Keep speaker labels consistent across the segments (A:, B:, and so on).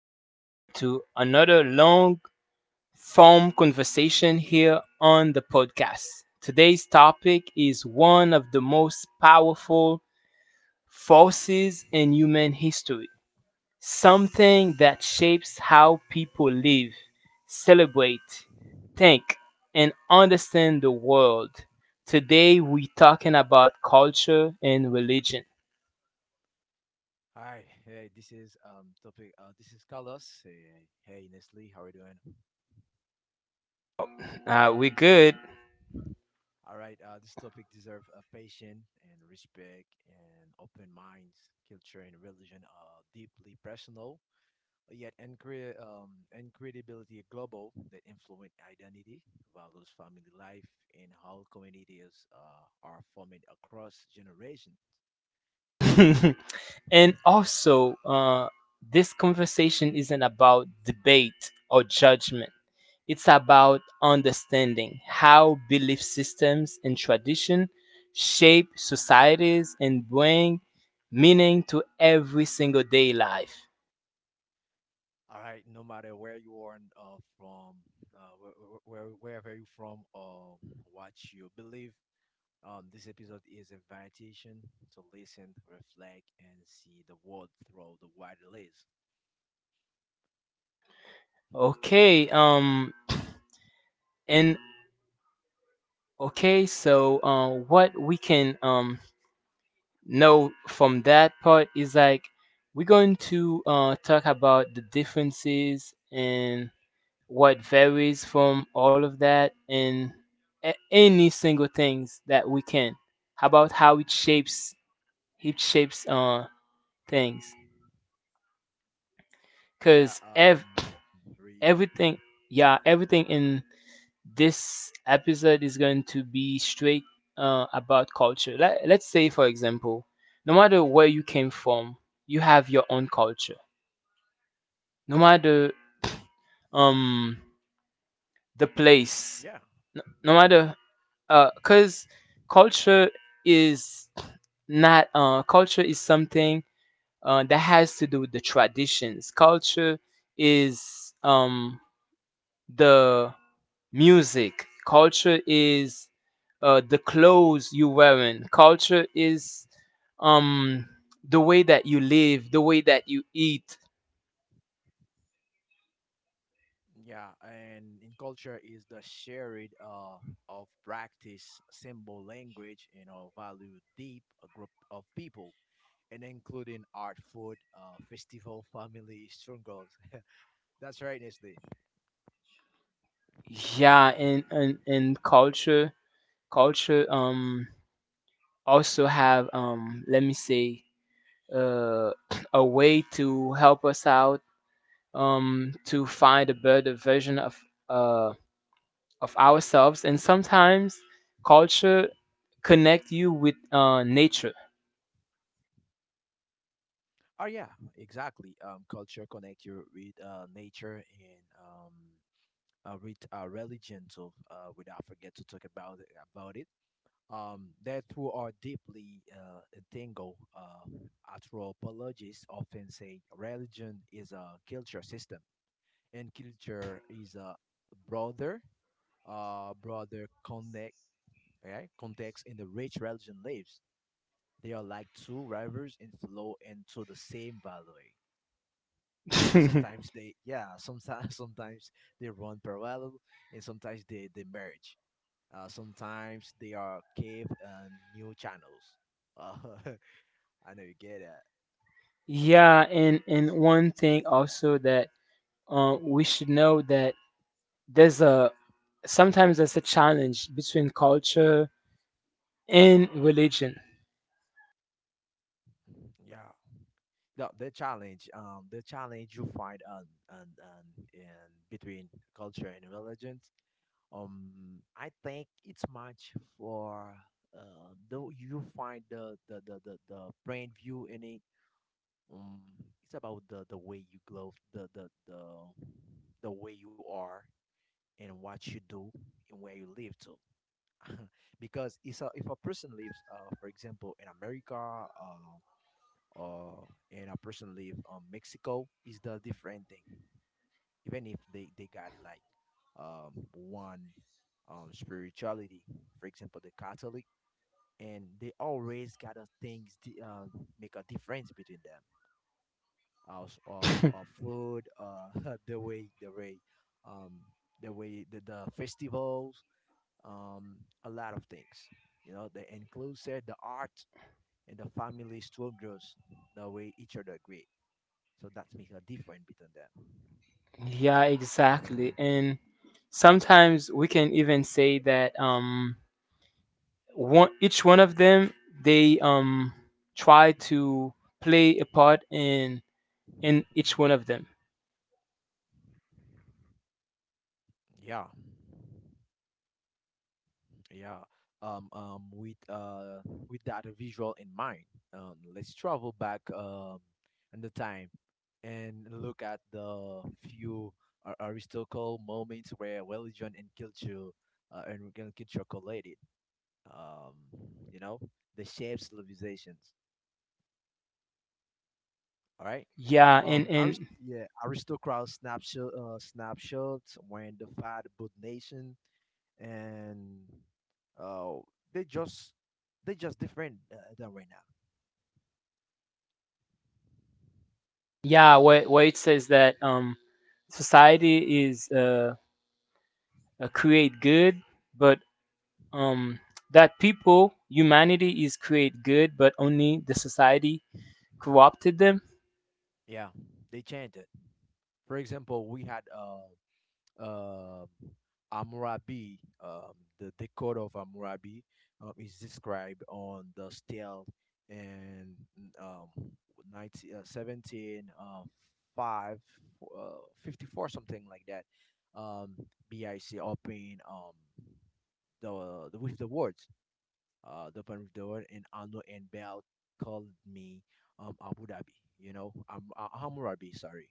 A: everyone, to another long form conversation here on the podcast. Today's topic is one of the most powerful forces in human history, something that shapes how people live, celebrate, think, and understand the world. Today, we're talking about culture and religion.
B: Hi, hey, this is topic. This is Carlos. Hey, hey, Nestle, how are you doing?
A: We're good.
B: All right, this topic deserves a patient and respect and open minds. Culture and religion are deeply personal, yet incredibility global that influence identity, values, family life, and how communities are formed across generation.
A: And also, this conversation isn't about debate or judgment. It's about understanding how belief systems and tradition shape societies and bring meaning to every single day life.
B: All right, no matter where you are from, uh, where, wherever you're from, or what you believe, this episode is an invitation to listen, reflect, and see the world through the wide lens.
A: Okay, and okay, so what we can No, from that part is like we're going to talk about the differences and what varies from all of that and any single things that we can about how it shapes it shapes things
B: Yeah,
A: because
B: um, re-
A: everything yeah everything in this episode is going to be straight about culture. Let's say for example, no matter where you came from, you have your own culture, no matter um
B: yeah,
A: the place, no matter cuz culture is not — culture is something that has to do with the traditions. Culture is the music. Culture is the clothes you wearing. Culture is um the way that you live, the way that you eat.
B: yeah, and in culture is the shared of practice, symbol, language, and our value deep a group of people, and including art, food, festival, family, struggles, that's right, Nestle.
A: Yeah, and culture also have, let me say, uh a way to help us out, to find a better version uh of ourselves. And sometimes culture connect you with nature.
B: Oh yeah, exactly. Culture connect you with nature and with religion. So we don't forget to talk about about it. That who are deeply entangled, anthropologists often say religion is a culture system, and culture is a broader, broader connect, okay, context in the which religion lives. They are like two rivers in flow into the same valley. Uh, sometimes they, yeah, sometimes sometimes they run parallel, and sometimes they merge. Sometimes they are cave and new channels. Uh, I know you get it.
A: Yeah, and one thing also that we should know, that there's a sometimes there's a challenge between culture and religion.
B: Yeah. The challenge, the challenge you find on in between culture and religion. I think it's much for though you find the brand view in it. Um, it's about the way you glow, the the way you are and what you do and where you live too. Because it's a, if a person lives, for example, in America, or and a person live Mexico, is the different thing even if they got like one spirituality, for example the catholic, and they always got a things make a difference between them as or food the way um the way the festivals, um a lot of things, you know, the inclusive the art and the family struggles, the way each other great, so that's make a difference between them.
A: Yeah, exactly. And sometimes we can even say that one each one of them, they try to play a part in each one of them.
B: Yeah, yeah. With with that visual in mind, let's travel back in the time and look at the few historical moments where religion and culture and culture collided. um, you know, the shared civilizations. All right.
A: Yeah, and
B: Aristocrat snapshot, snapshots when they fight both nation and uh, they just they just different than right now.
A: yeah, where it says that society is create good, but um that people, humanity is create good, but only the society corrupted them.
B: Yeah, they changed it. For example, we had um, Hammurabi, the Code of Hammurabi, is described on the stele in um, 19, 17, 5, uh, 54, something like that, um, BIC, open the with the words, the open with the word, and Anu and Bel called me Abu Dhabi, you know, Hammurabi, sorry.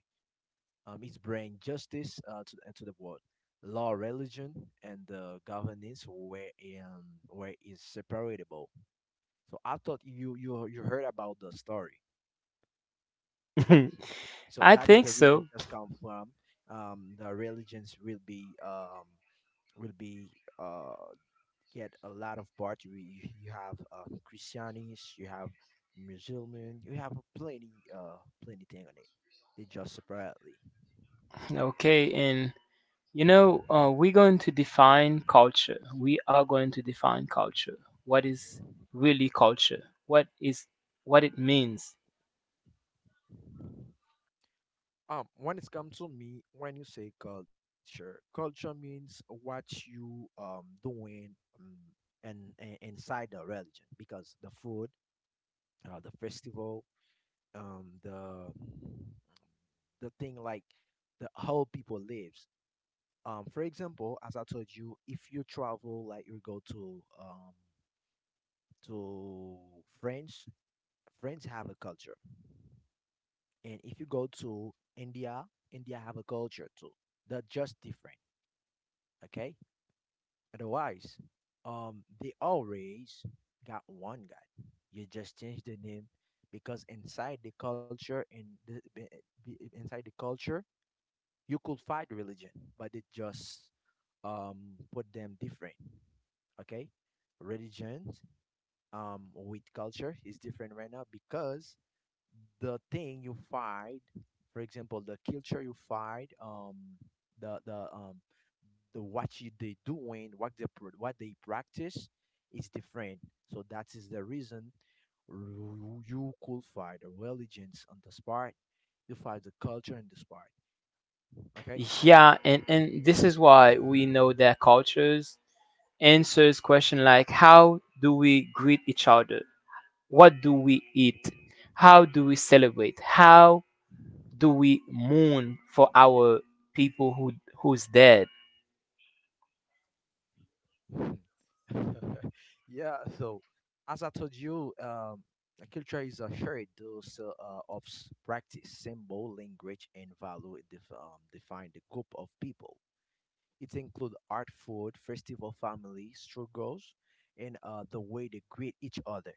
B: It bring justice to the world. Law, religion, and governance um, were inseparable. So I thought you heard about the story. So
A: I
B: that is
A: think
B: the reason
A: so.
B: that's come from the religions will be will be uh, get a lot of part. You have Christianities, you have Muslim, you have plenty uh plenty thing on it. They just separately.
A: Okay. and You know, we're going to define culture. We are going to define culture. What is really culture? What is what it means?
B: When it comes to me, when you say culture, culture means what you doing um and inside the religion because the food, the festival, um, the the thing like the how people lives. For example, as I told you, if you travel, like you go to to France, France have a culture, and if you go to India, India have a culture too. They're just different. Okay? Otherwise, they always got one God. You just change the name because inside the culture in inside the culture you could find religion, but they just put them different. Okay, religions with culture is different right now because the thing you find, for example, the culture you find, the the um, the what you, they doing, what they what they practice is different. So that is the reason you could find the religions on this part, you find the culture in this part. Okay.
A: Yeah, and this is why we know that cultures answers question like: how do we greet each other? What do we eat? How do we celebrate? How do we mourn for our people who who's dead?
B: Yeah. So, as I told you, a culture is a shared dose of practice, symbol, language, and value define the group of people. It includes art, food, festival, family, struggles, and the way they greet each other.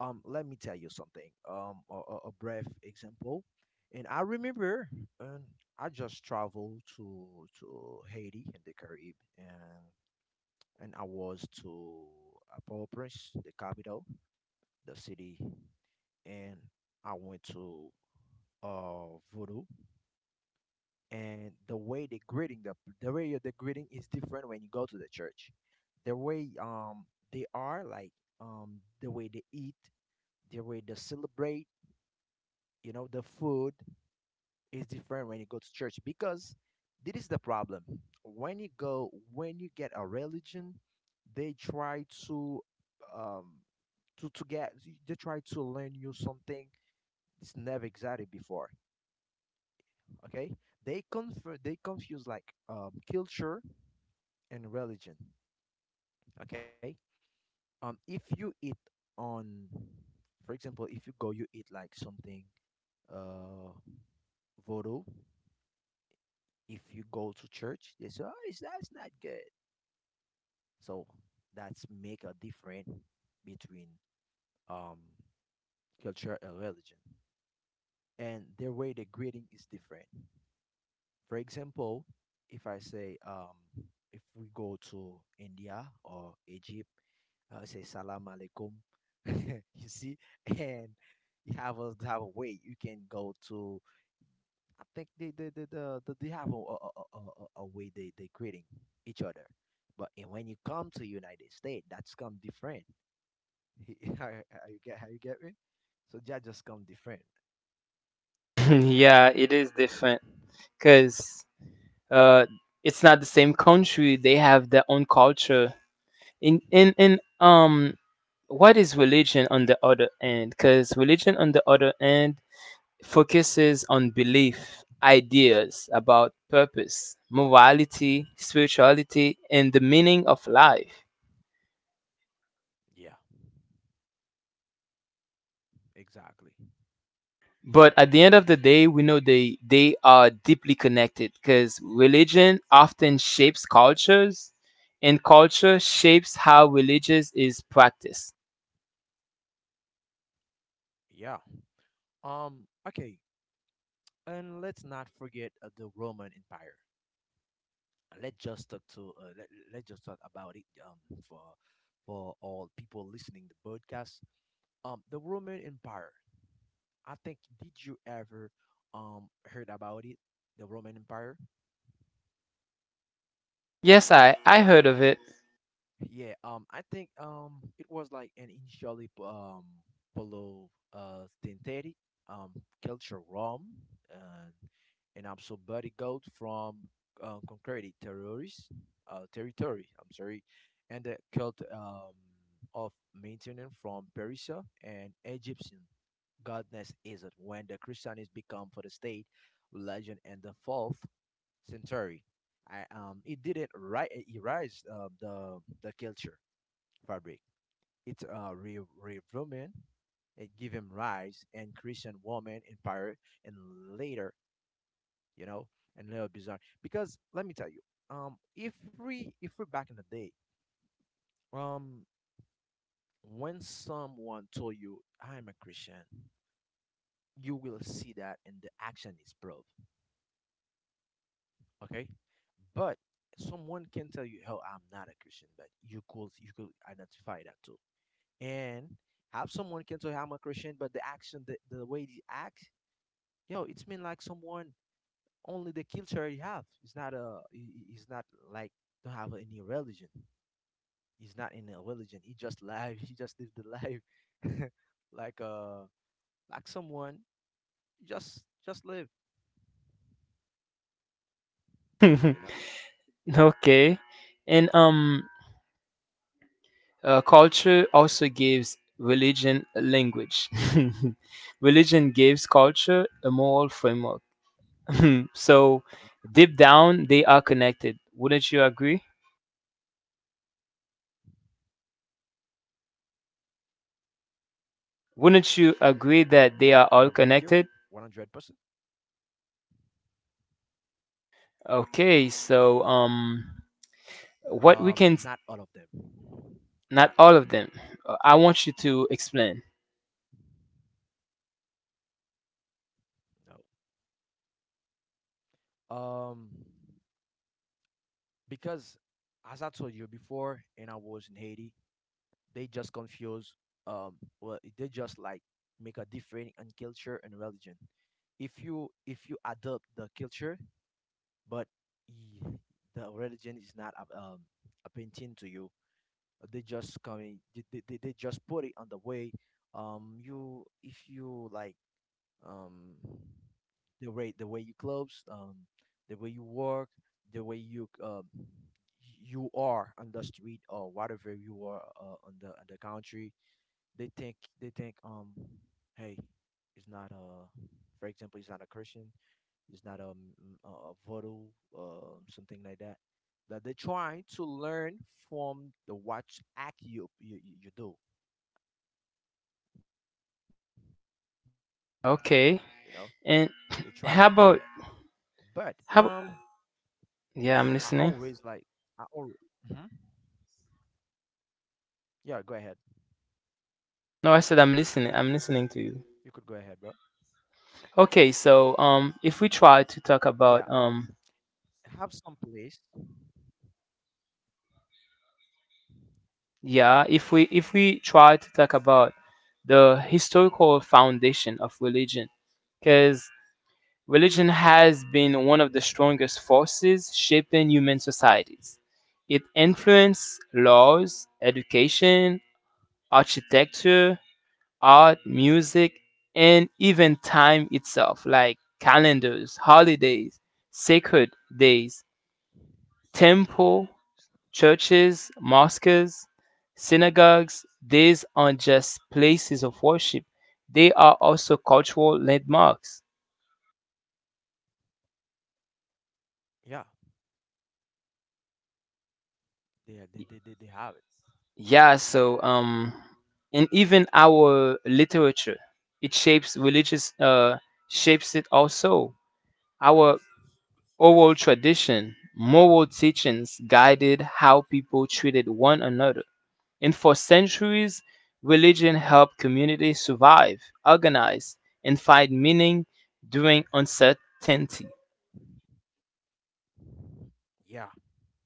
B: Let me tell you something. A brief example, and I remember, and I just traveled to Haiti in the Caribbean, and I was to Port-au-Prince, the capital, the city, and I went to voodoo. And the way they greeting the way the greeting is different when you go to the church. The way they are like the way they eat, the way they celebrate, you know, the food, is different when you go to church because this is the problem. When you go, when you get a religion, they try um to get they try to learn you something it's never existed before. Okay, they confuse like culture and religion. Okay, if you eat on, for example, if you go you eat like something uh voodoo. If you go to church, they say, "Oh, it's, that's not good." So that's make a difference between um, culture and religion, and their way the greeting is different. For example, if I say, if we go to India or Egypt, I say "Salam alaikum." You see, and you have a way you can go to, I think they, the they have a way they greeting each other, but and when you come to United States, that's come different. How, how you get me? So that just come different.
A: Yeah, it is different because uh, it's not the same country. They have their own culture. In — what is religion on the other end? Because religion on the other end focuses on belief, ideas about purpose, morality, spirituality, and the meaning of life.
B: Yeah, exactly.
A: But at the end of the day, we know they are deeply connected because religion often shapes cultures, and culture shapes how religious is practiced.
B: Yeah. Okay. And let's not forget the Roman Empire. Let's just talk to let let's just talk about it. For for all people listening the podcast. The Roman Empire, I think did you ever heard about it, the Roman Empire?
A: Yes, I heard of it.
B: Yeah, I think it was like an initially below synthetic um culture realm and an absolute gold from concrete terrorist territory. I'm sorry, and the cult of maintenance from Persia and Egyptian godness is it when the Christianist become for the state religion and the fourth Century, I, it didn't erase the culture fabric. It revolumen, it gave him rise and Christian woman empire and later, you know, and later bizarre. Because let me tell you, if we if we're back in the day, um, when someone told you I'm a Christian, you will see that and the action is proof. Okay, but someone can tell you, oh, I'm not a Christian, but you could identify that too. And have someone can tell you I'm a Christian, but the action, the way they act, yo, it's mean like someone only the culture you have, it's not a he's not like don't have any religion, he's not in a religion, he just live he just live the life like uh like someone just live, you know.
A: Okay. And culture also gives religion a language. Religion gives culture a moral framework. So
B: Y-
A: deep down they are connected. Wouldn't you agree?
B: yeah, I'm agree with you
A: Wouldn't you
B: 100%.
A: agree that they are all connected? Okay, so
B: Not all of them.
A: what we can
B: Not all of
A: not all of them. I want you to explain.
B: them. No. Because as I told you before, and I was in Haiti, they just confuse. Um, well, they just like make a difference in culture and religion. If you adopt the culture, but y- the religion is not a, appealing to you, they just coming. They just put it on the way. You if you like um, the way you clothes, the way you work, the way you you are on the street or whatever you are on the country. They think hey, it's not a, for example, it's not a Christian, it's not a, a voodoo, something like that. That they're trying to learn from the watch act you do. You know, they
A: Okay.
B: try to do that,
A: And how
B: but
A: about
B: um
A: how
B: I always like
A: yeah, I'm
B: I
A: listening.
B: always hmm yeah, go ahead.
A: No, I said I'm listening. I'm
B: You could
A: listening
B: go
A: to
B: ahead,
A: you.
B: bro.
A: Okay, so if we
B: yeah
A: try to
B: um
A: talk about
B: have some place.
A: yeah, if we try to talk about the historical foundation of religion, because religion has been one of the strongest forces shaping human societies. It influenced laws, education, architecture, art, music, and even time itself, like calendars, holidays, sacred days, temple, churches, mosques, synagogues — these aren't just places of worship, they are also cultural landmarks.
B: Yeah, they have it.
A: Yeah, so and even our literature, it shapes religious shapes it also. Our oral tradition, moral teachings guided how people treated one another. And for centuries, religion helped communities survive, organize, and find meaning during uncertainty.
B: Yeah,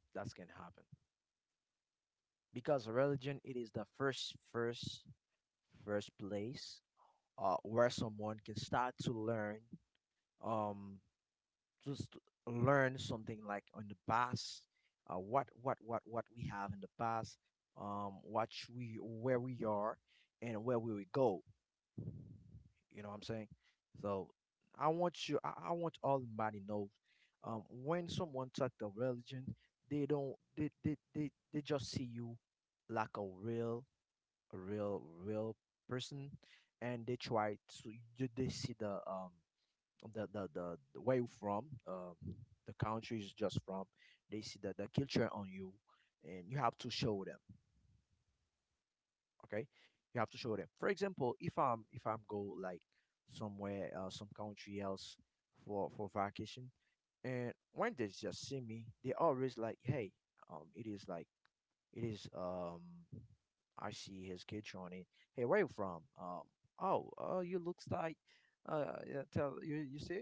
B: that's gonna happen because religion, it is the first place where someone can start to learn, um just learn something like on the past, what we have in the past, we where we are and where we will go. You know what I'm saying? So I want you, I want all everybody know, when someone talk the religion, they don't, they just see you like a real, real person, and they try to, they see the, the where you from, the country is just from, they see the culture on you, and you have to show them. Okay, you have to show them. For example, if I'm go like somewhere, some country else for vacation, and when they just see me, they always like, hey, it is like, it is I see his kitchen on it. Hey, where you from? Oh, you looks like, yeah, tell you, you see.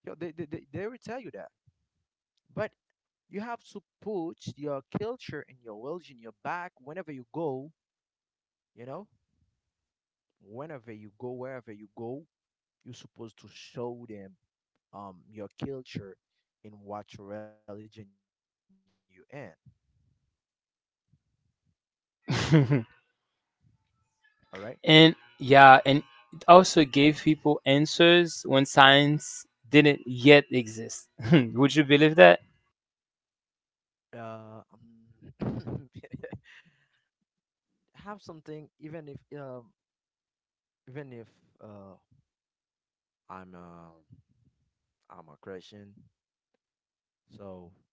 B: Yo, they will tell you that. But you have to put your culture and your religion your back whenever you go, you know, whenever you go, wherever you go, you're supposed to show them your culture and what religion you in. All right.
A: And yeah, and it also gave people answers when science didn't yet exist. Would you believe that?
B: Uh, um, have something, even if even if uh I'm uh I'm a Christian, so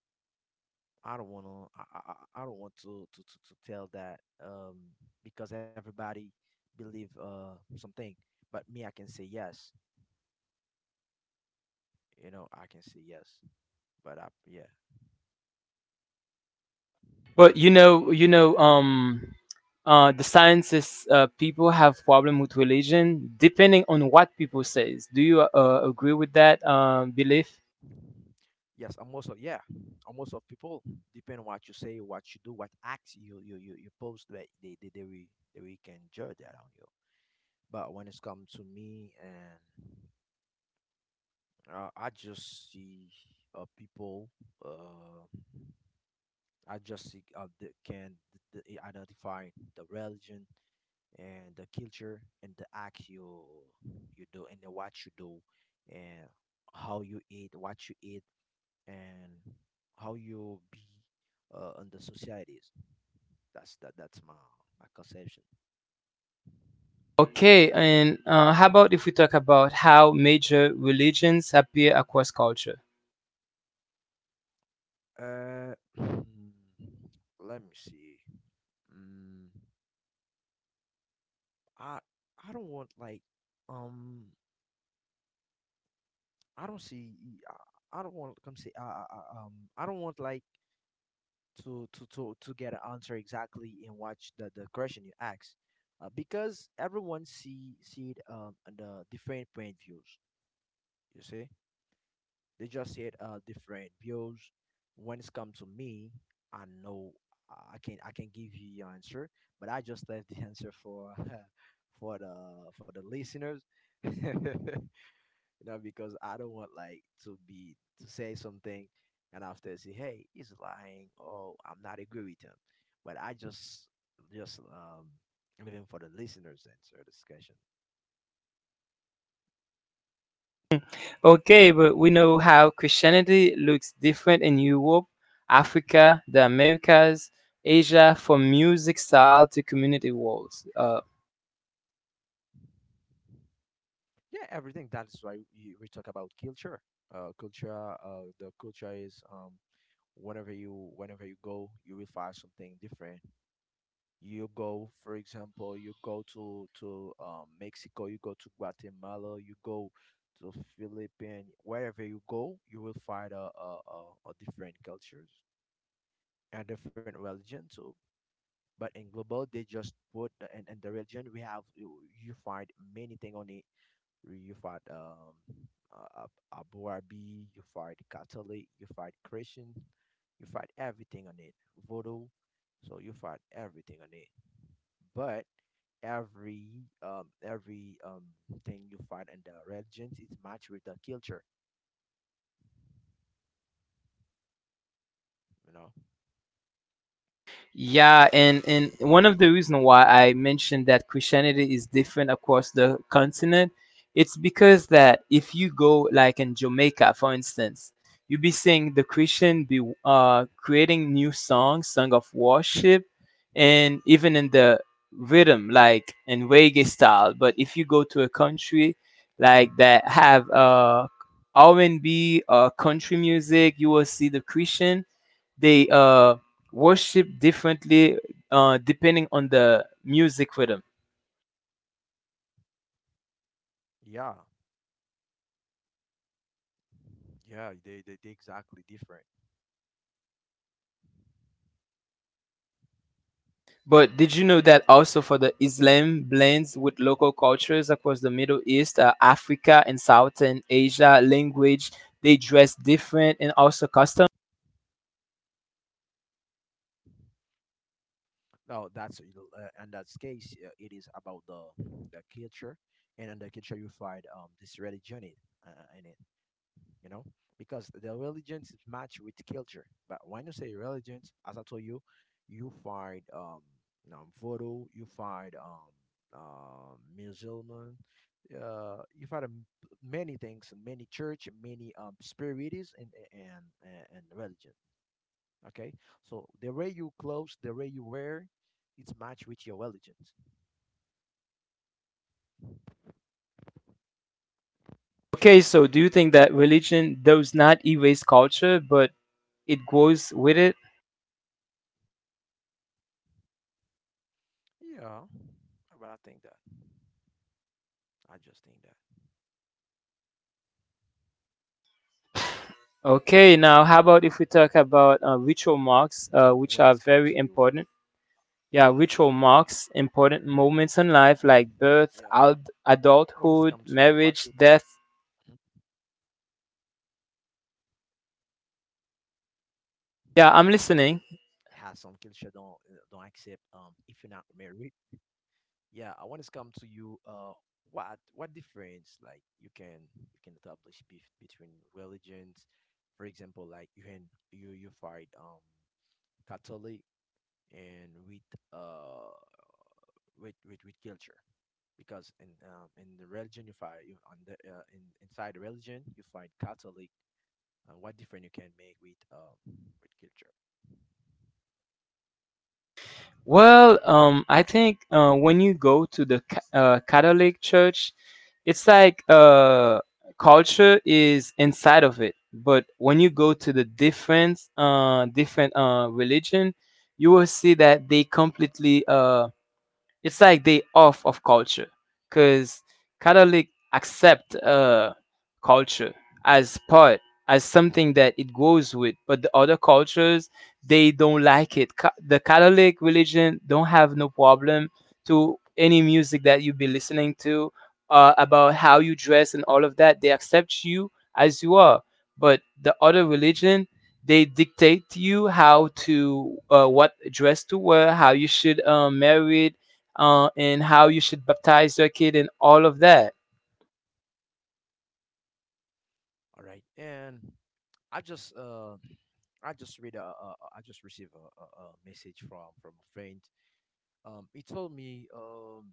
B: I don't wanna I don't want to, tell that, because everybody believe something, but me, I can say yes. You know, I can say yes, but I, yeah.
A: But you
B: All
A: know,
B: right.
A: you know, the scientists, people have problem with religion depending on what people says. Do you agree with that belief?
B: Yes, I'm also, yeah, I'm most of people depend on what you say, what you do, what acts you post, that they will, they will can judge that on you. But when it's come to me and I just see people, uh, I just see the, can the, identify the religion and the culture and the act you you do and the, what you do, and how you eat, what you eat, and how you'll be in the societies. That's that. That's my my conception.
A: Okay, and how about if we talk about how major religions appear across culture?
B: Uh, let me see. Mm, I I don't want like, um I don't see, I don't want come say I don't want like to get an answer exactly in the question you ask, because everyone see it the different point views. You see, they just said different bills. When it's come to me, I know I can, I can give you your answer, but I just left the answer for for the for the listeners, you know, because I don't want like to be, to say something and after say, hey, he's lying. Oh, I'm not agree with him, but I just leaving for the listeners answer discussion.
A: Okay, but we know how Christianity looks different in Europe, Africa, the Americas, Asia, from music style to community walls.
B: Yeah, everything, that's why we talk about culture, uh culture the culture is, whenever you, whenever you go, you will find something different. You go, for example, you go to Mexico, you go to Guatemala, you go to Philippines. Wherever you go, you will find a different cultures and different religion too. But in global, they just put the, in the religion, we have you, you find many thing on the, you fight Abu Arabi, you fight Catholic, you fight Christian, you fight everything on it. Voodoo, so you fight everything on it. But every thing you fight in the religions is matched with the culture, you know.
A: Yeah, and one of the reason why I mentioned that Christianity is different across the continent, it's because that if you go like in Jamaica, for instance, you be seeing the Christian be creating new songs, song of worship, and even in the rhythm like in reggae style. But if you go to a country like that have R and B or country music, you will see the Christian they worship differently depending on the music rhythm.
B: Yeah, yeah, they exactly different.
A: But did you know that also for the Islam blends with local cultures across the Middle East, Africa, and Southern Asia language? They dress different and also custom.
B: Now that's in that case, it is about the culture, and in the culture you find this religion in it. You know, because the religions is matched with culture. But when you say religions, as I told you, you find voodoo, you find Muslim, you find many things, many church, many spirits and and religion. Okay, so the way you clothes, the way you wear, it's matched with your religions.
A: Okay, so do you think that religion does not erase culture, but it grows with it?
B: Yeah, but I think that, I just think that.
A: Okay, now how about if we talk about ritual
B: So when
A: marks,
B: it's come to
A: which
B: you,
A: are very important? Yeah, ritual marks important
B: yeah.
A: moments in life like
B: When it's
A: birth,
B: come to you, what do you think?
A: adulthood,
B: Mhm.
A: marriage, death. Yeah, I'm
B: Has some
A: listening.
B: culture don't accept if you're not married? Yeah, I want to come to you. What difference like you can, you can establish between religions? For example, like you can, you fight Catholic and with uh with culture, because in the religion you fight you on the in inside the religion you find Catholic. What difference you can make with culture?
A: Well, I think when you go to the Catholic Church, it's like — culture is inside of it. But when you go to the different, different religion, you will see that they completely it's like they off of culture, because Catholic accept culture as part, as something that it goes with. But the other cultures they don't like it. The Catholic religion don't have no problem to any music that you be listening to, about how you dress and all of that. They accept you as you are. But the other religion, they dictate to you how to, what dress to wear, how you should marry, and how you should baptize your kid and all of that.
B: All right, and I just uh, I just read a I just received a message from a friend. He told me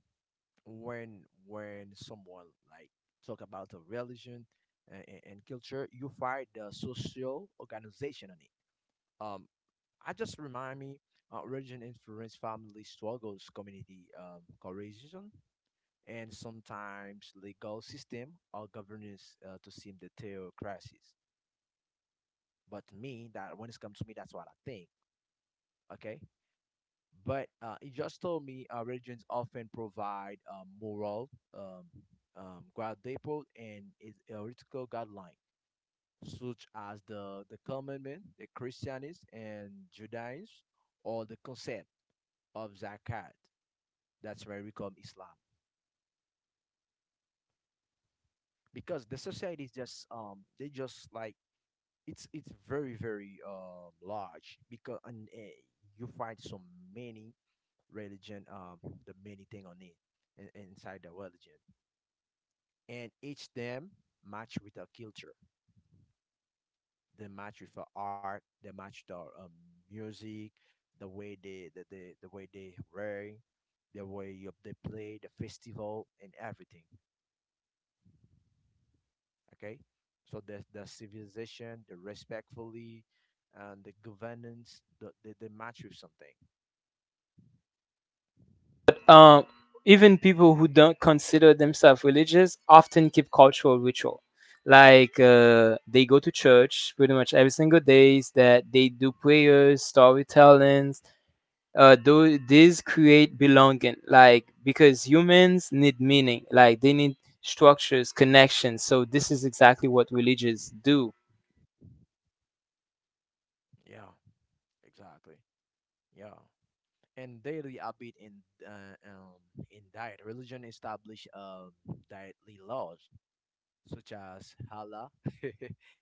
B: when someone like talk about the religion and, and culture, you find the social organization on it. Um, I just remind me, religion influence family struggles, community coercion, and sometimes legal system or governance to seem the theocracies. But to me, that when it's come to me, that's what I think. Okay. But he just told me, religions often provide moral um, quadruple and is heretical guideline, such as the commandment, the Christianism and Judaism, or the concept of zakat. That's where we call Islam, because the society is just they just like, it's very very large, because and you find so many religion, the many thing on it, inside the religion, and each them match with a culture. They match with a art. They match the music, the way they the, the way they wear, the way you, they play, the festival, and everything. Okay, so the civilization, the respectfully, and the governance, the match with something.
A: But even people who don't consider themselves religious often keep cultural ritual. Like they go to church pretty much every single days. That they do prayers, storytellings. Those these create belonging. Like because humans need meaning. Like they need structures, connections. So this is exactly what religious do.
B: Yeah, exactly. Yeah. And daily habit in diet. Religion established dietary laws such as halal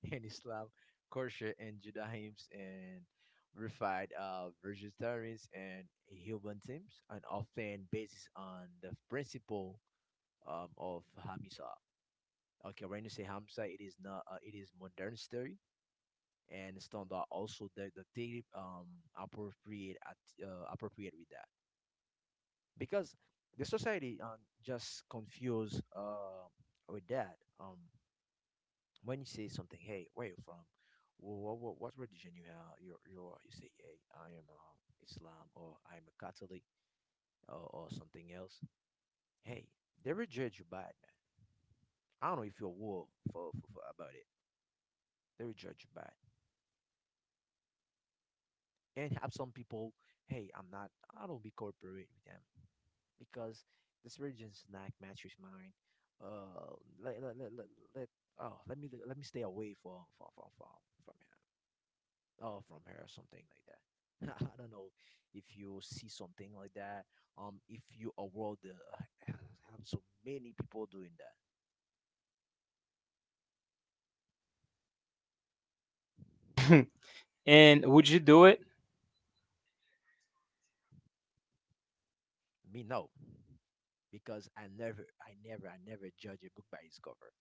B: and Islam, kosher and Judaism, and refined vegetarians and human teams, and often based on the principle of Hamisa. Okay, when you say Hamsa, it is not it is modern story and standard, also the daily appropriate at, appropriate with that. Because the society just confused with that. When you say something, hey, where you from? What religion you have? You are. You say, hey, I am Islam, or I am a Catholic, or something else. Hey, they will judge you bad, man. I don't know if you're war for about it. They will judge you bad. And have some people, hey, I'm not. I don't be corporate with them, because the surgeon's snack matches mine. Uh, let let let let, let, oh, let me stay away from from her. Oh, from her or something like that. I don't know if you see something like that. If you a world, have so many people doing that.
A: And would you do it?
B: Me, no, because I never judge a book by its cover.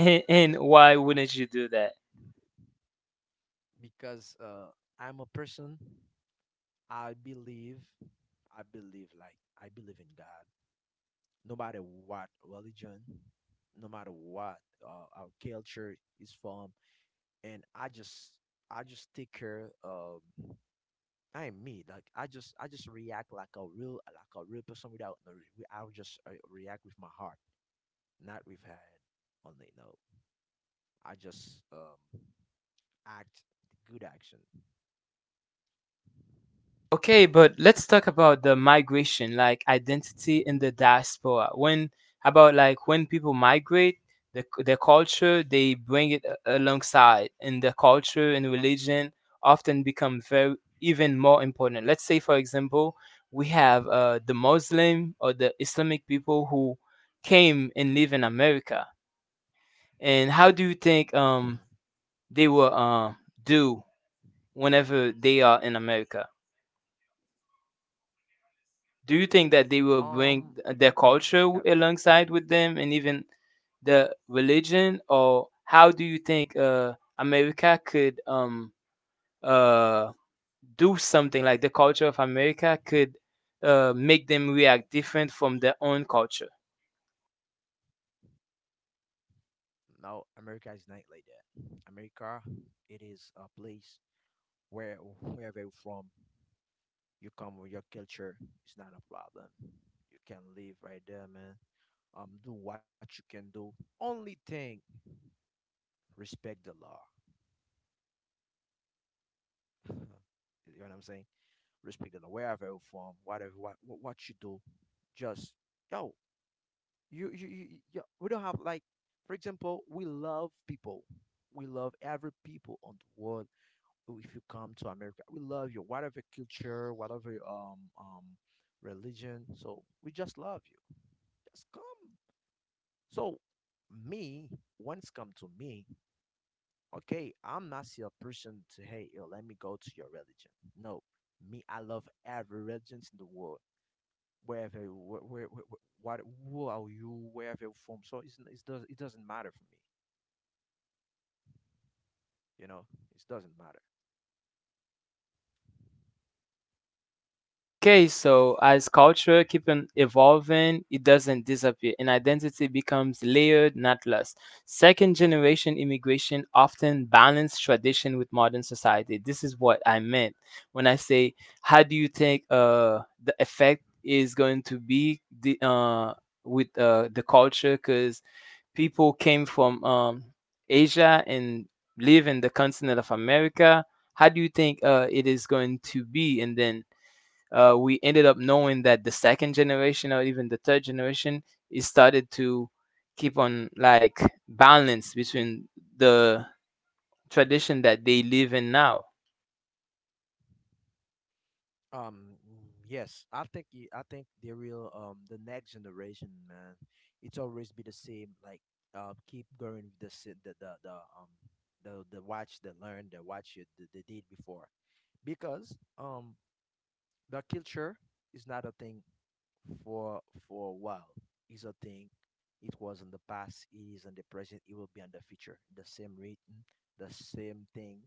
A: And why wouldn't you do that?
B: Because I'm a person. I believe, I believe like I believe in God, no matter what religion, no matter what our culture is from. And I just, I just take care of, I am me. Like I just react like a real person without no. I'll just react with my heart, not with head only. No, I just act the good action.
A: Okay, but let's talk about the migration, like identity in the diaspora. When about like when people migrate, the, their culture they bring it alongside, and the culture and religion often become very even more important. Let's say, for example, we have the Muslim or the Islamic people who came and live in America, and how do you think
B: Mhm.
A: they will do whenever they are in America? Do you think that they will
B: Um,
A: bring
B: I
A: their
B: think
A: culture
B: uh,
A: alongside with them and even the religion? Or how do you think America could uh, do something like the culture of America could make them react different from their own culture?
B: no, America is not like that. America, it is a place where wherever you're from, you come with your culture. It's not a problem. You can live right there, man. Do what you can do. Only thing, respect the law. You know what I'm saying? Respect the law, wherever you're from, whatever what you do. Just, yo, you, we don't have like, for example, we love people, we love every people on the world. Oh, if you come to America, we love you, whatever culture, whatever religion, so we just love you, just come. So me, when it's come to me, okay, I'm not see a person to, hey, yo, let me go to your religion. No, me, I love every religion in the world, wherever, where what, who are you, wherever you're from. So it's, it's does, it doesn't matter for me, you know, it doesn't matter.
A: Okay, so as culture keep on evolving, it doesn't disappear, and identity becomes layered, not lost. Second generation immigration often balance tradition with modern society. This is what I meant when I say, how do you think the effect is going to be the, with the culture? Because people came from Asia and live in the continent of America. How do you think it is going to be? And then we ended up knowing that the second generation or even the third generation is started to keep on like balance between the tradition that they live in now.
B: Yes, I think I think the real the next generation, man, it's always be the same. Like, keep going with the the watch, the learn, the watch you the did before, because the culture is not a thing for for a while. It's a thing. It was in the past. It is in the present. It will be in the future. The same written, the same thing.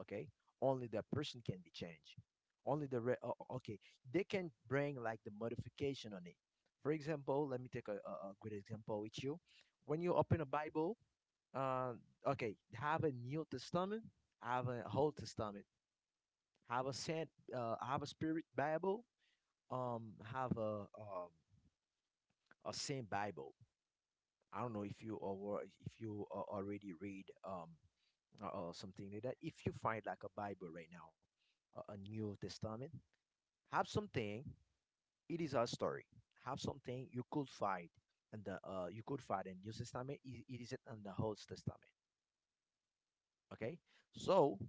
B: Okay. Only the person can be changed. Only the re- o- o- Okay. They can bring like the modification on it. For example, let me take a good example with you. When you open a Bible, uh, okay, have a New Testament, have a Old Testament, have a Spirit Bible, have a same Bible. I don't know if you already read or something like that. If you find like a Bible right now, a New Testament, have something. It is a story. Have something you could find in the you could find in New Testament. It is in the Old Testament. Okay, so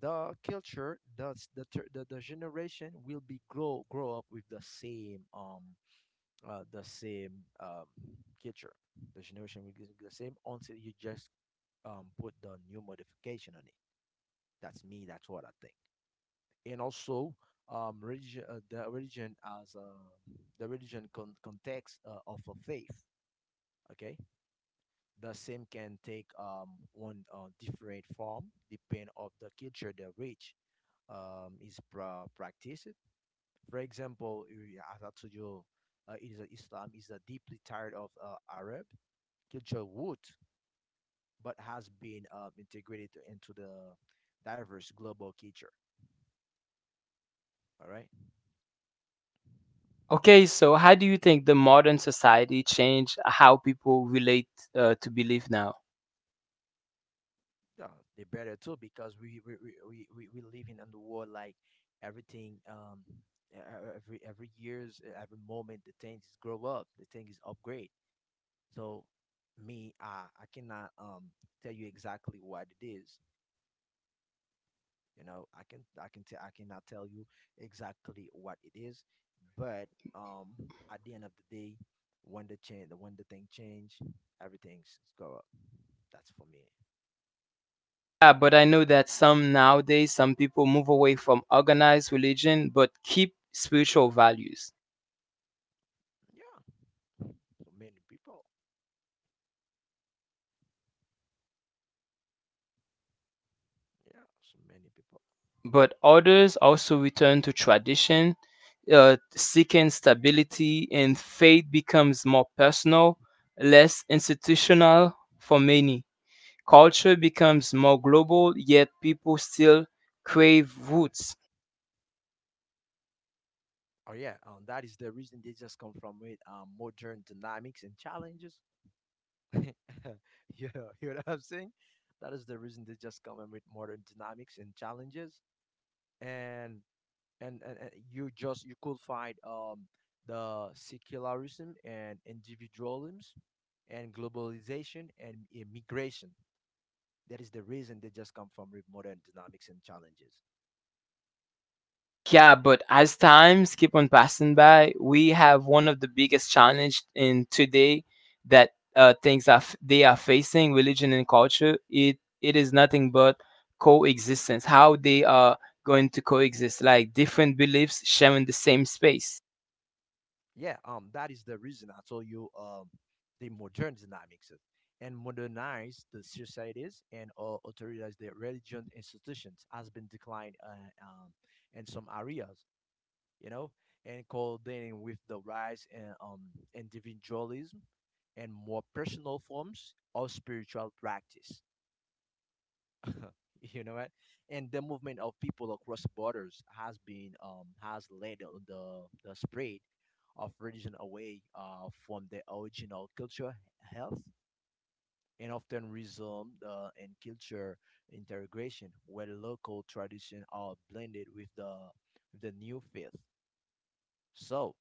B: the culture, the s- the ter- the generation will be grow up with the same culture. The generation will be the same until you just put the new modification on it. That's me. That's what I think. And also, religion, the religion as the religion context of a faith. Okay, the same can take one different form depend of the culture the which is practiced. For example, as I told you, it is a Islam is a deeply tired of Arab culture wood, but has been integrated into the diverse global culture. All right.
A: Okay, so how do you think the modern society changed how people relate to belief now?
B: Yeah, they better too because we living in the world like everything every years every moment the things grow up the thing is upgrade so me I cannot tell you exactly what it is. You know, I can I cannot tell you exactly what it is, but um, at the end of the day, when the thing change, everything's go up. That's for me.
A: Yeah, but I know that some nowadays, some people move away from organized religion but keep spiritual values.
B: Yeah, so many people. Yeah, so many people.
A: But others also return to tradition, seeking stability, and faith becomes more personal, less institutional for many. Culture becomes more global, yet people still crave roots.
B: Oh yeah, that is the reason they just come from with modern dynamics and challenges. You know, you know what I'm saying? That is the reason they just come in with modern dynamics and challenges. And and you just you could find the secularism and individualism and globalization and immigration that is the reason they just come from modern dynamics and challenges.
A: Yeah, but as times keep on passing by, we have one of the biggest challenge in today that things are they are facing religion and culture. It is nothing but coexistence. How they are going to coexist, like different beliefs sharing the same space.
B: Yeah, that is the reason I told you, the modern dynamics and modernize the societies and authorize their religion institutions has been declined um, in some areas, you know, and coordinating with the rise in individualism and more personal forms of spiritual practice. You know what? And the movement of people across borders has been has led the spread of religion away from the original culture health and often resumed in culture integration where local tradition are blended with the new faith. So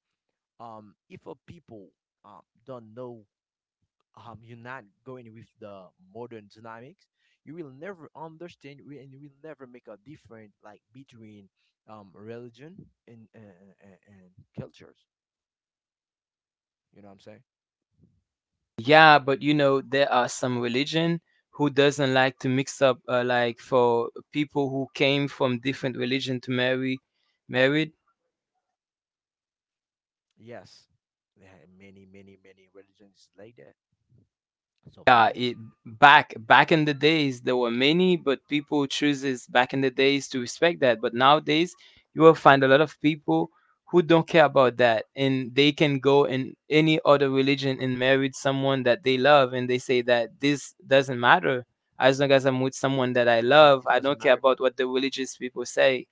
B: if a people don't know, you're not going with the modern dynamics, you will never understand and you will never make a difference like between religion and cultures. You know what I'm saying?
A: Yeah, but you know there are some religion who doesn't like to mix up, like for people who came from different religion to marry, married.
B: Yes, there are many, many, many religions like that. So many.
A: Yeah, it, back back in the days there were many, but people chooses back in the days to respect that. But nowadays you will find a lot of people who don't care about that, and they can go in any other religion and marry someone that they love, and they say that this doesn't matter as long as I'm with someone that I
B: It's not, it
A: love. I
B: doesn't
A: don't
B: matter.
A: care about what the religious people say.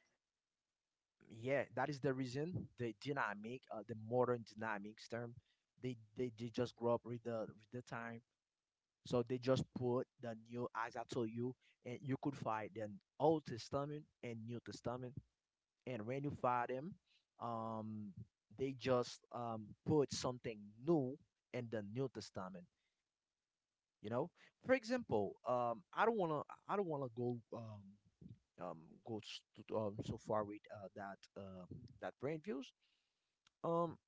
B: Yeah, that is the reason the modern dynamics term, they just grow up with the time. So they just put the new, as I told you, and you could find the Old Testament and New Testament. And when you find them, um, they just put something new in the New Testament. You know, for example, I don't wanna um, go s- to, so far with that brain views. Um,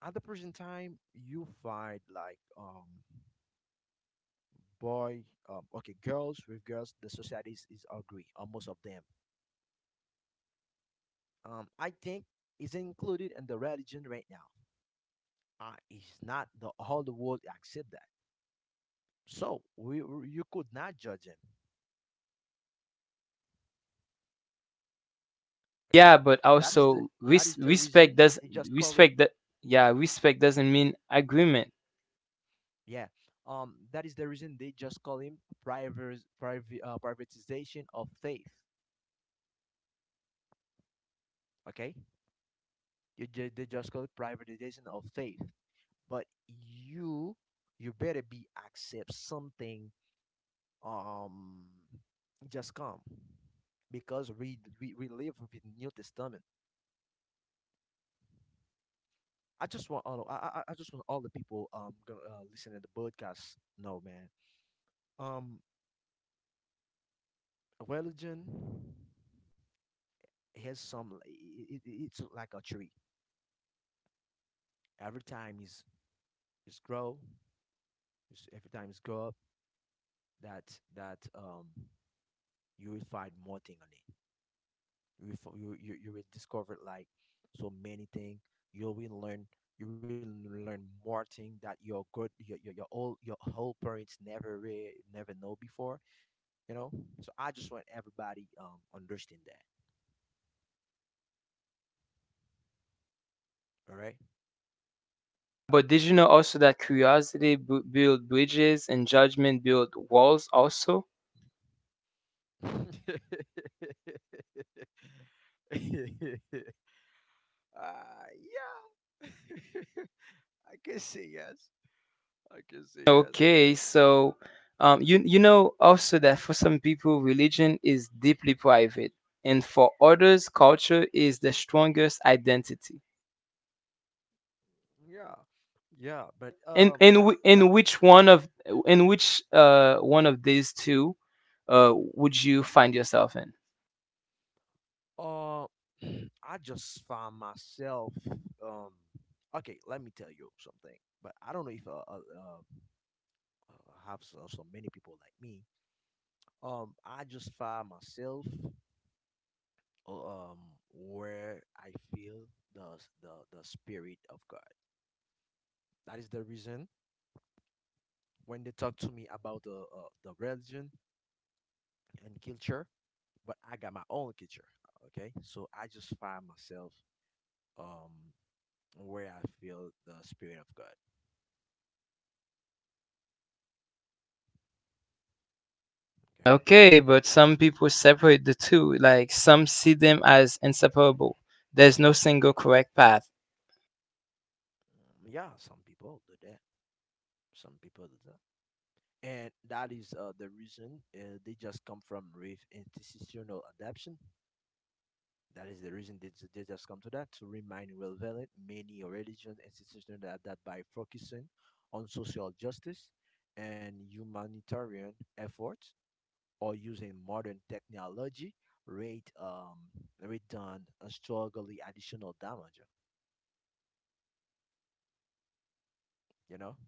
B: at the present time, you find like, boy okay, girls with girls, the society is ugly most of them. I think it's included in the religion right now. It's not the all the world accept that, so you could not judge him.
A: Yeah,
B: Okay,
A: but
B: that is the
A: also
B: that is the
A: respect
B: reason
A: does
B: they just call it.
A: respect that. Yeah, respect doesn't mean agreement.
B: Yeah, that is the reason they just call him private, privatization of faith. Okay, they just call it privatization of faith. But you you better be accept something, um just come, because we live with New Testament. I just want all I just want all the people gonna, listening to the podcast. No man. Um, religion has some it's like a tree. Every time is grow, it's, every time it's grow up that that you will find more thing on it. You fo- you will discover like so many things. You will learn. You will learn more things that your good your old your whole parents never know before. You know, so I just want everybody understand that. All right.
A: But did you know also that curiosity bu build bridges and judgment build walls also?
B: Yeah. I can say yes. I can say yes,
A: Okay, so you you know also that for some people religion is deeply private, and for others culture is the strongest identity.
B: yeah. Yeah, but
A: And
B: yeah,
A: in
B: that's...
A: whi- which one of in which one of these two would you find yourself in?
B: Uh, I just find myself. Um, okay, let me tell you something. But I don't know if have so, so many people like me. I just find myself. uh, Um, where I feel the the spirit of God. That is the reason when they talk to me about the religion and culture, but I got my own culture. Okay, so I just find myself um where I feel the spirit of God. Okay.
A: Okay, but some people separate the two. Like some see them as inseparable. There's no single correct path.
B: Yeah, some people do that. Some people do that. And that is the reason they just come from with institutional adaption. That is the reason they just come to that to remind relevant many religious institutions that by focusing on social justice and humanitarian efforts or using modern technology, rate rate done a strongly additional damage. You know?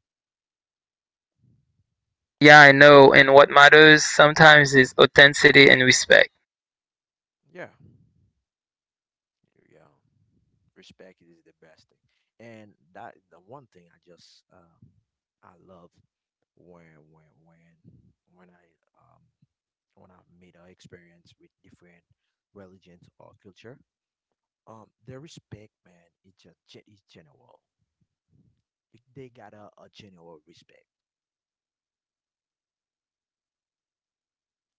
A: Yeah, I know. And what matters sometimes is authenticity and respect.
B: Yeah. Yeah. Respect is the best thing, and that the one thing I just I love when when when when I, um when I made an experience with different religions or culture. The respect, man, it's just it's general. Like, they got a general respect.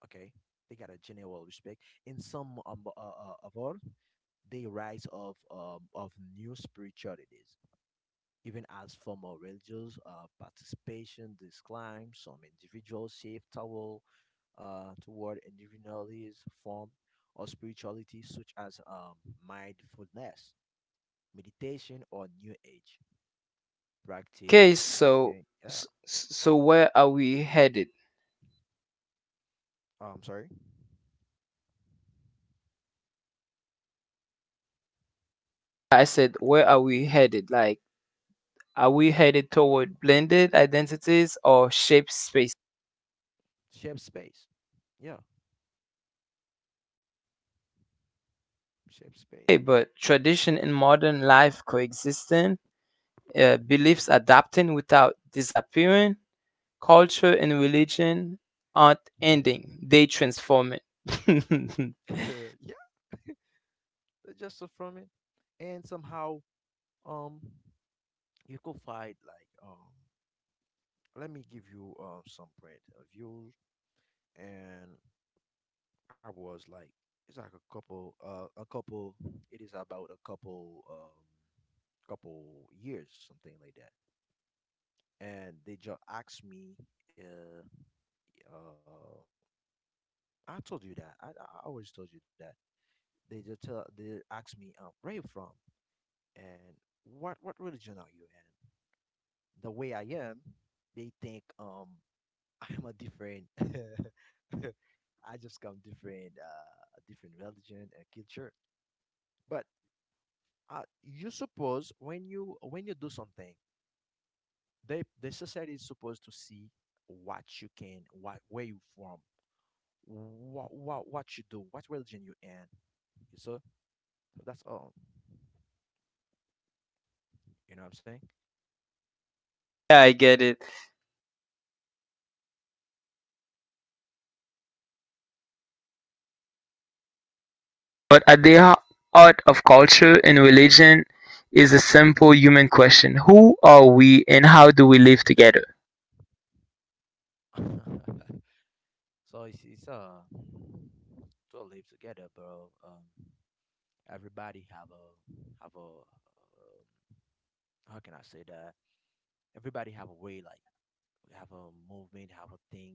B: Okay, they got a general respect in some of all they rise of new spiritualities. Even as formal religious participation declines, some individuals shift toward, toward individualist form or spirituality such as mindfulness, meditation, or New Age
A: Okay,
B: practice.
A: so
B: Can, yeah,
A: so where are we headed?
B: oh, I'm sorry,
A: Like I said, where are we headed? Like are we headed toward blended identities or shaped space?
B: shape space. Yeah, shape space.
A: Okay, but tradition and modern life coexisting, beliefs adapting without disappearing, culture and religion aren't ending; they transforming. Yeah,
B: Yeah, that's just so from it. And somehow, um, you could find like, let me give you some point of views. And I was like, it's like a couple, a couple. It is about a couple, couple years, something like that. And they just asked me, uh, uh, I told you that. I always told you that. They asked me, where you from and what religion are you in? The way I am, they think I'm a different. I just come different, different religion and culture. But you suppose when you do something, they the society is supposed to see what you can what where you from, what you do, what religion you in. So that's all, you know what I'm saying.
A: I get it. But at the heart of culture and religion is a simple human question: who are we and how do we live together?
B: So it's to live together, bro. Everybody have a how can I say that, everybody have a way like have a movement, have a thing,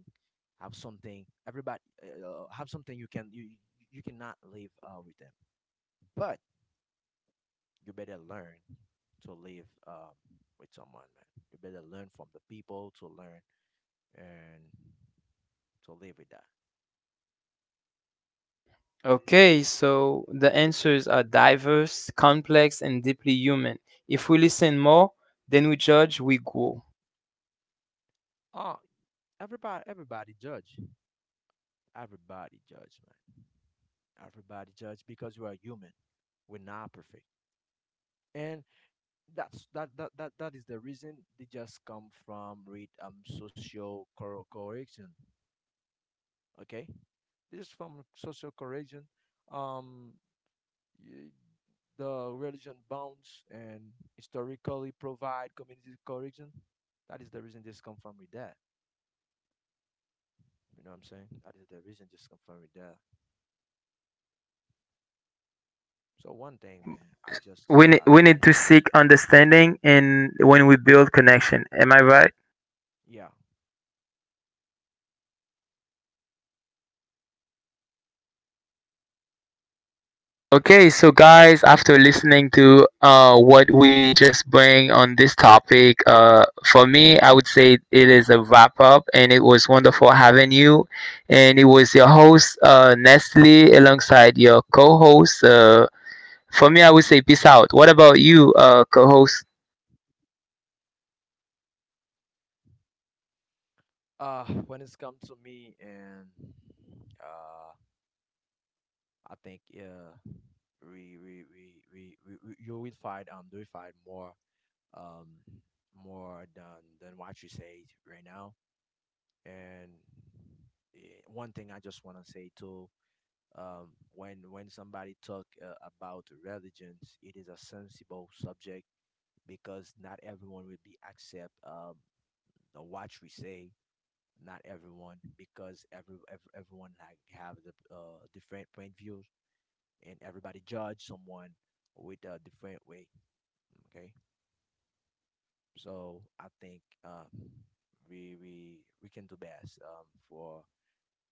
B: have something. Everybody have something. You can you you cannot live with them, but you better learn to live with someone, man. You better learn from the people to learn and to live with that.
A: Okay, so the answers are diverse, complex, and deeply human. If we listen more, than we judge, we grow.
B: Oh, everybody, everybody judge, man. Everybody judge because we are human. We're not perfect, and that's that is the reason they just come from read social correction. Okay, this is from social correction. um y- the religion bounds and historically provide community correction. That is the reason this come from with that. You know what I'm saying? That is the reason just come from with that. So one thing, man, I just
A: We need to seek understanding and when we build connection. Am I right?
B: yeah.
A: Okay, so guys, after listening to what we just bring on this topic, for me, I would say it is a wrap up, and it was wonderful having you. And it was your host, Nestle, alongside your co host. For me, I would say peace out. What about you, co host?
B: When it's come to me and uh I think yeah, we you will find more um more than what you said right now. And eh, one thing I just want to say too, when somebody talk about religions, it is a sensible subject because not everyone will be accept the what we say. Not everyone, because everyone like have the different point views, and everybody judge someone with a different way. Okay, so I think we can do best um, for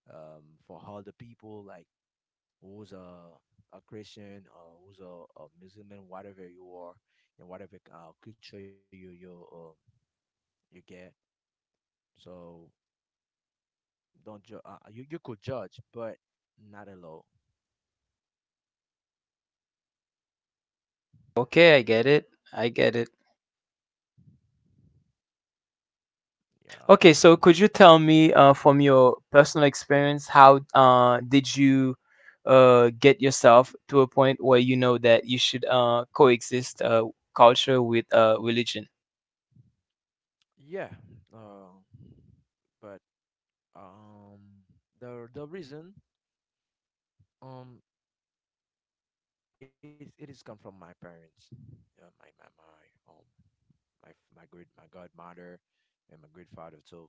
B: um, for all the people like who's a Christian, who's a Muslim, whatever you are, and whatever culture you you get. So don't ju- you you could judge, but not alone.
A: Okay, I get it. I get it.
B: Yeah,
A: Okay, so could you tell me from your personal experience how did you get yourself to a point where you know that you should coexist culture with religion?
B: yeah. Uh, but um, the reason, Um, it it is come from my parents, yeah, my godmother and my great father too.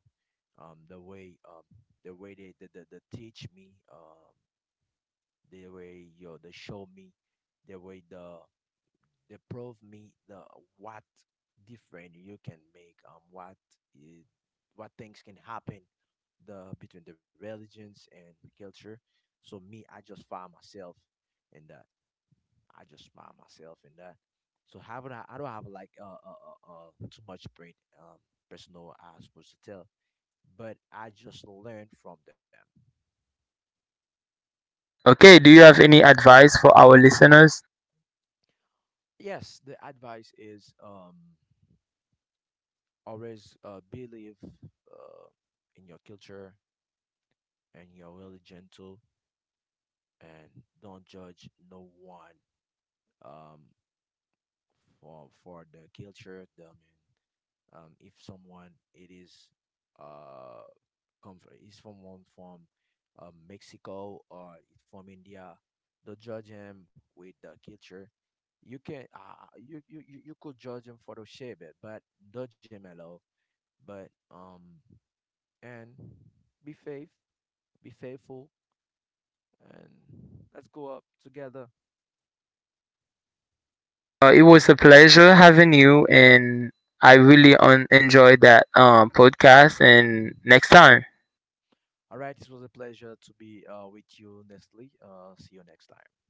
B: Um, the way um the way they the teach me, the way, you know, they show me the way they prove me the what different you can make i- what things can happen the between the religions and culture. So me, I just found myself in that. I just smile myself in that. So having I? I don't have like too much brain um personal I supposed to tell, but I just learn from them.
A: Okay, do you have any advice for our listeners?
B: Yes, the advice is always believe in your culture, and you're really gentle, and don't judge no one, um for the culture. I mean, if someone it is uh come from he's from one from, Mexico, or he's from India. Don't judge him with the culture. You can you could judge him for the shape, it, but don't judge him at. But and be faith, be faithful, and let's go up together.
A: It was a pleasure having you, and I really enjoyed that podcast. And next time.
B: All right, this was a pleasure to be with you, Nestle. See you next time.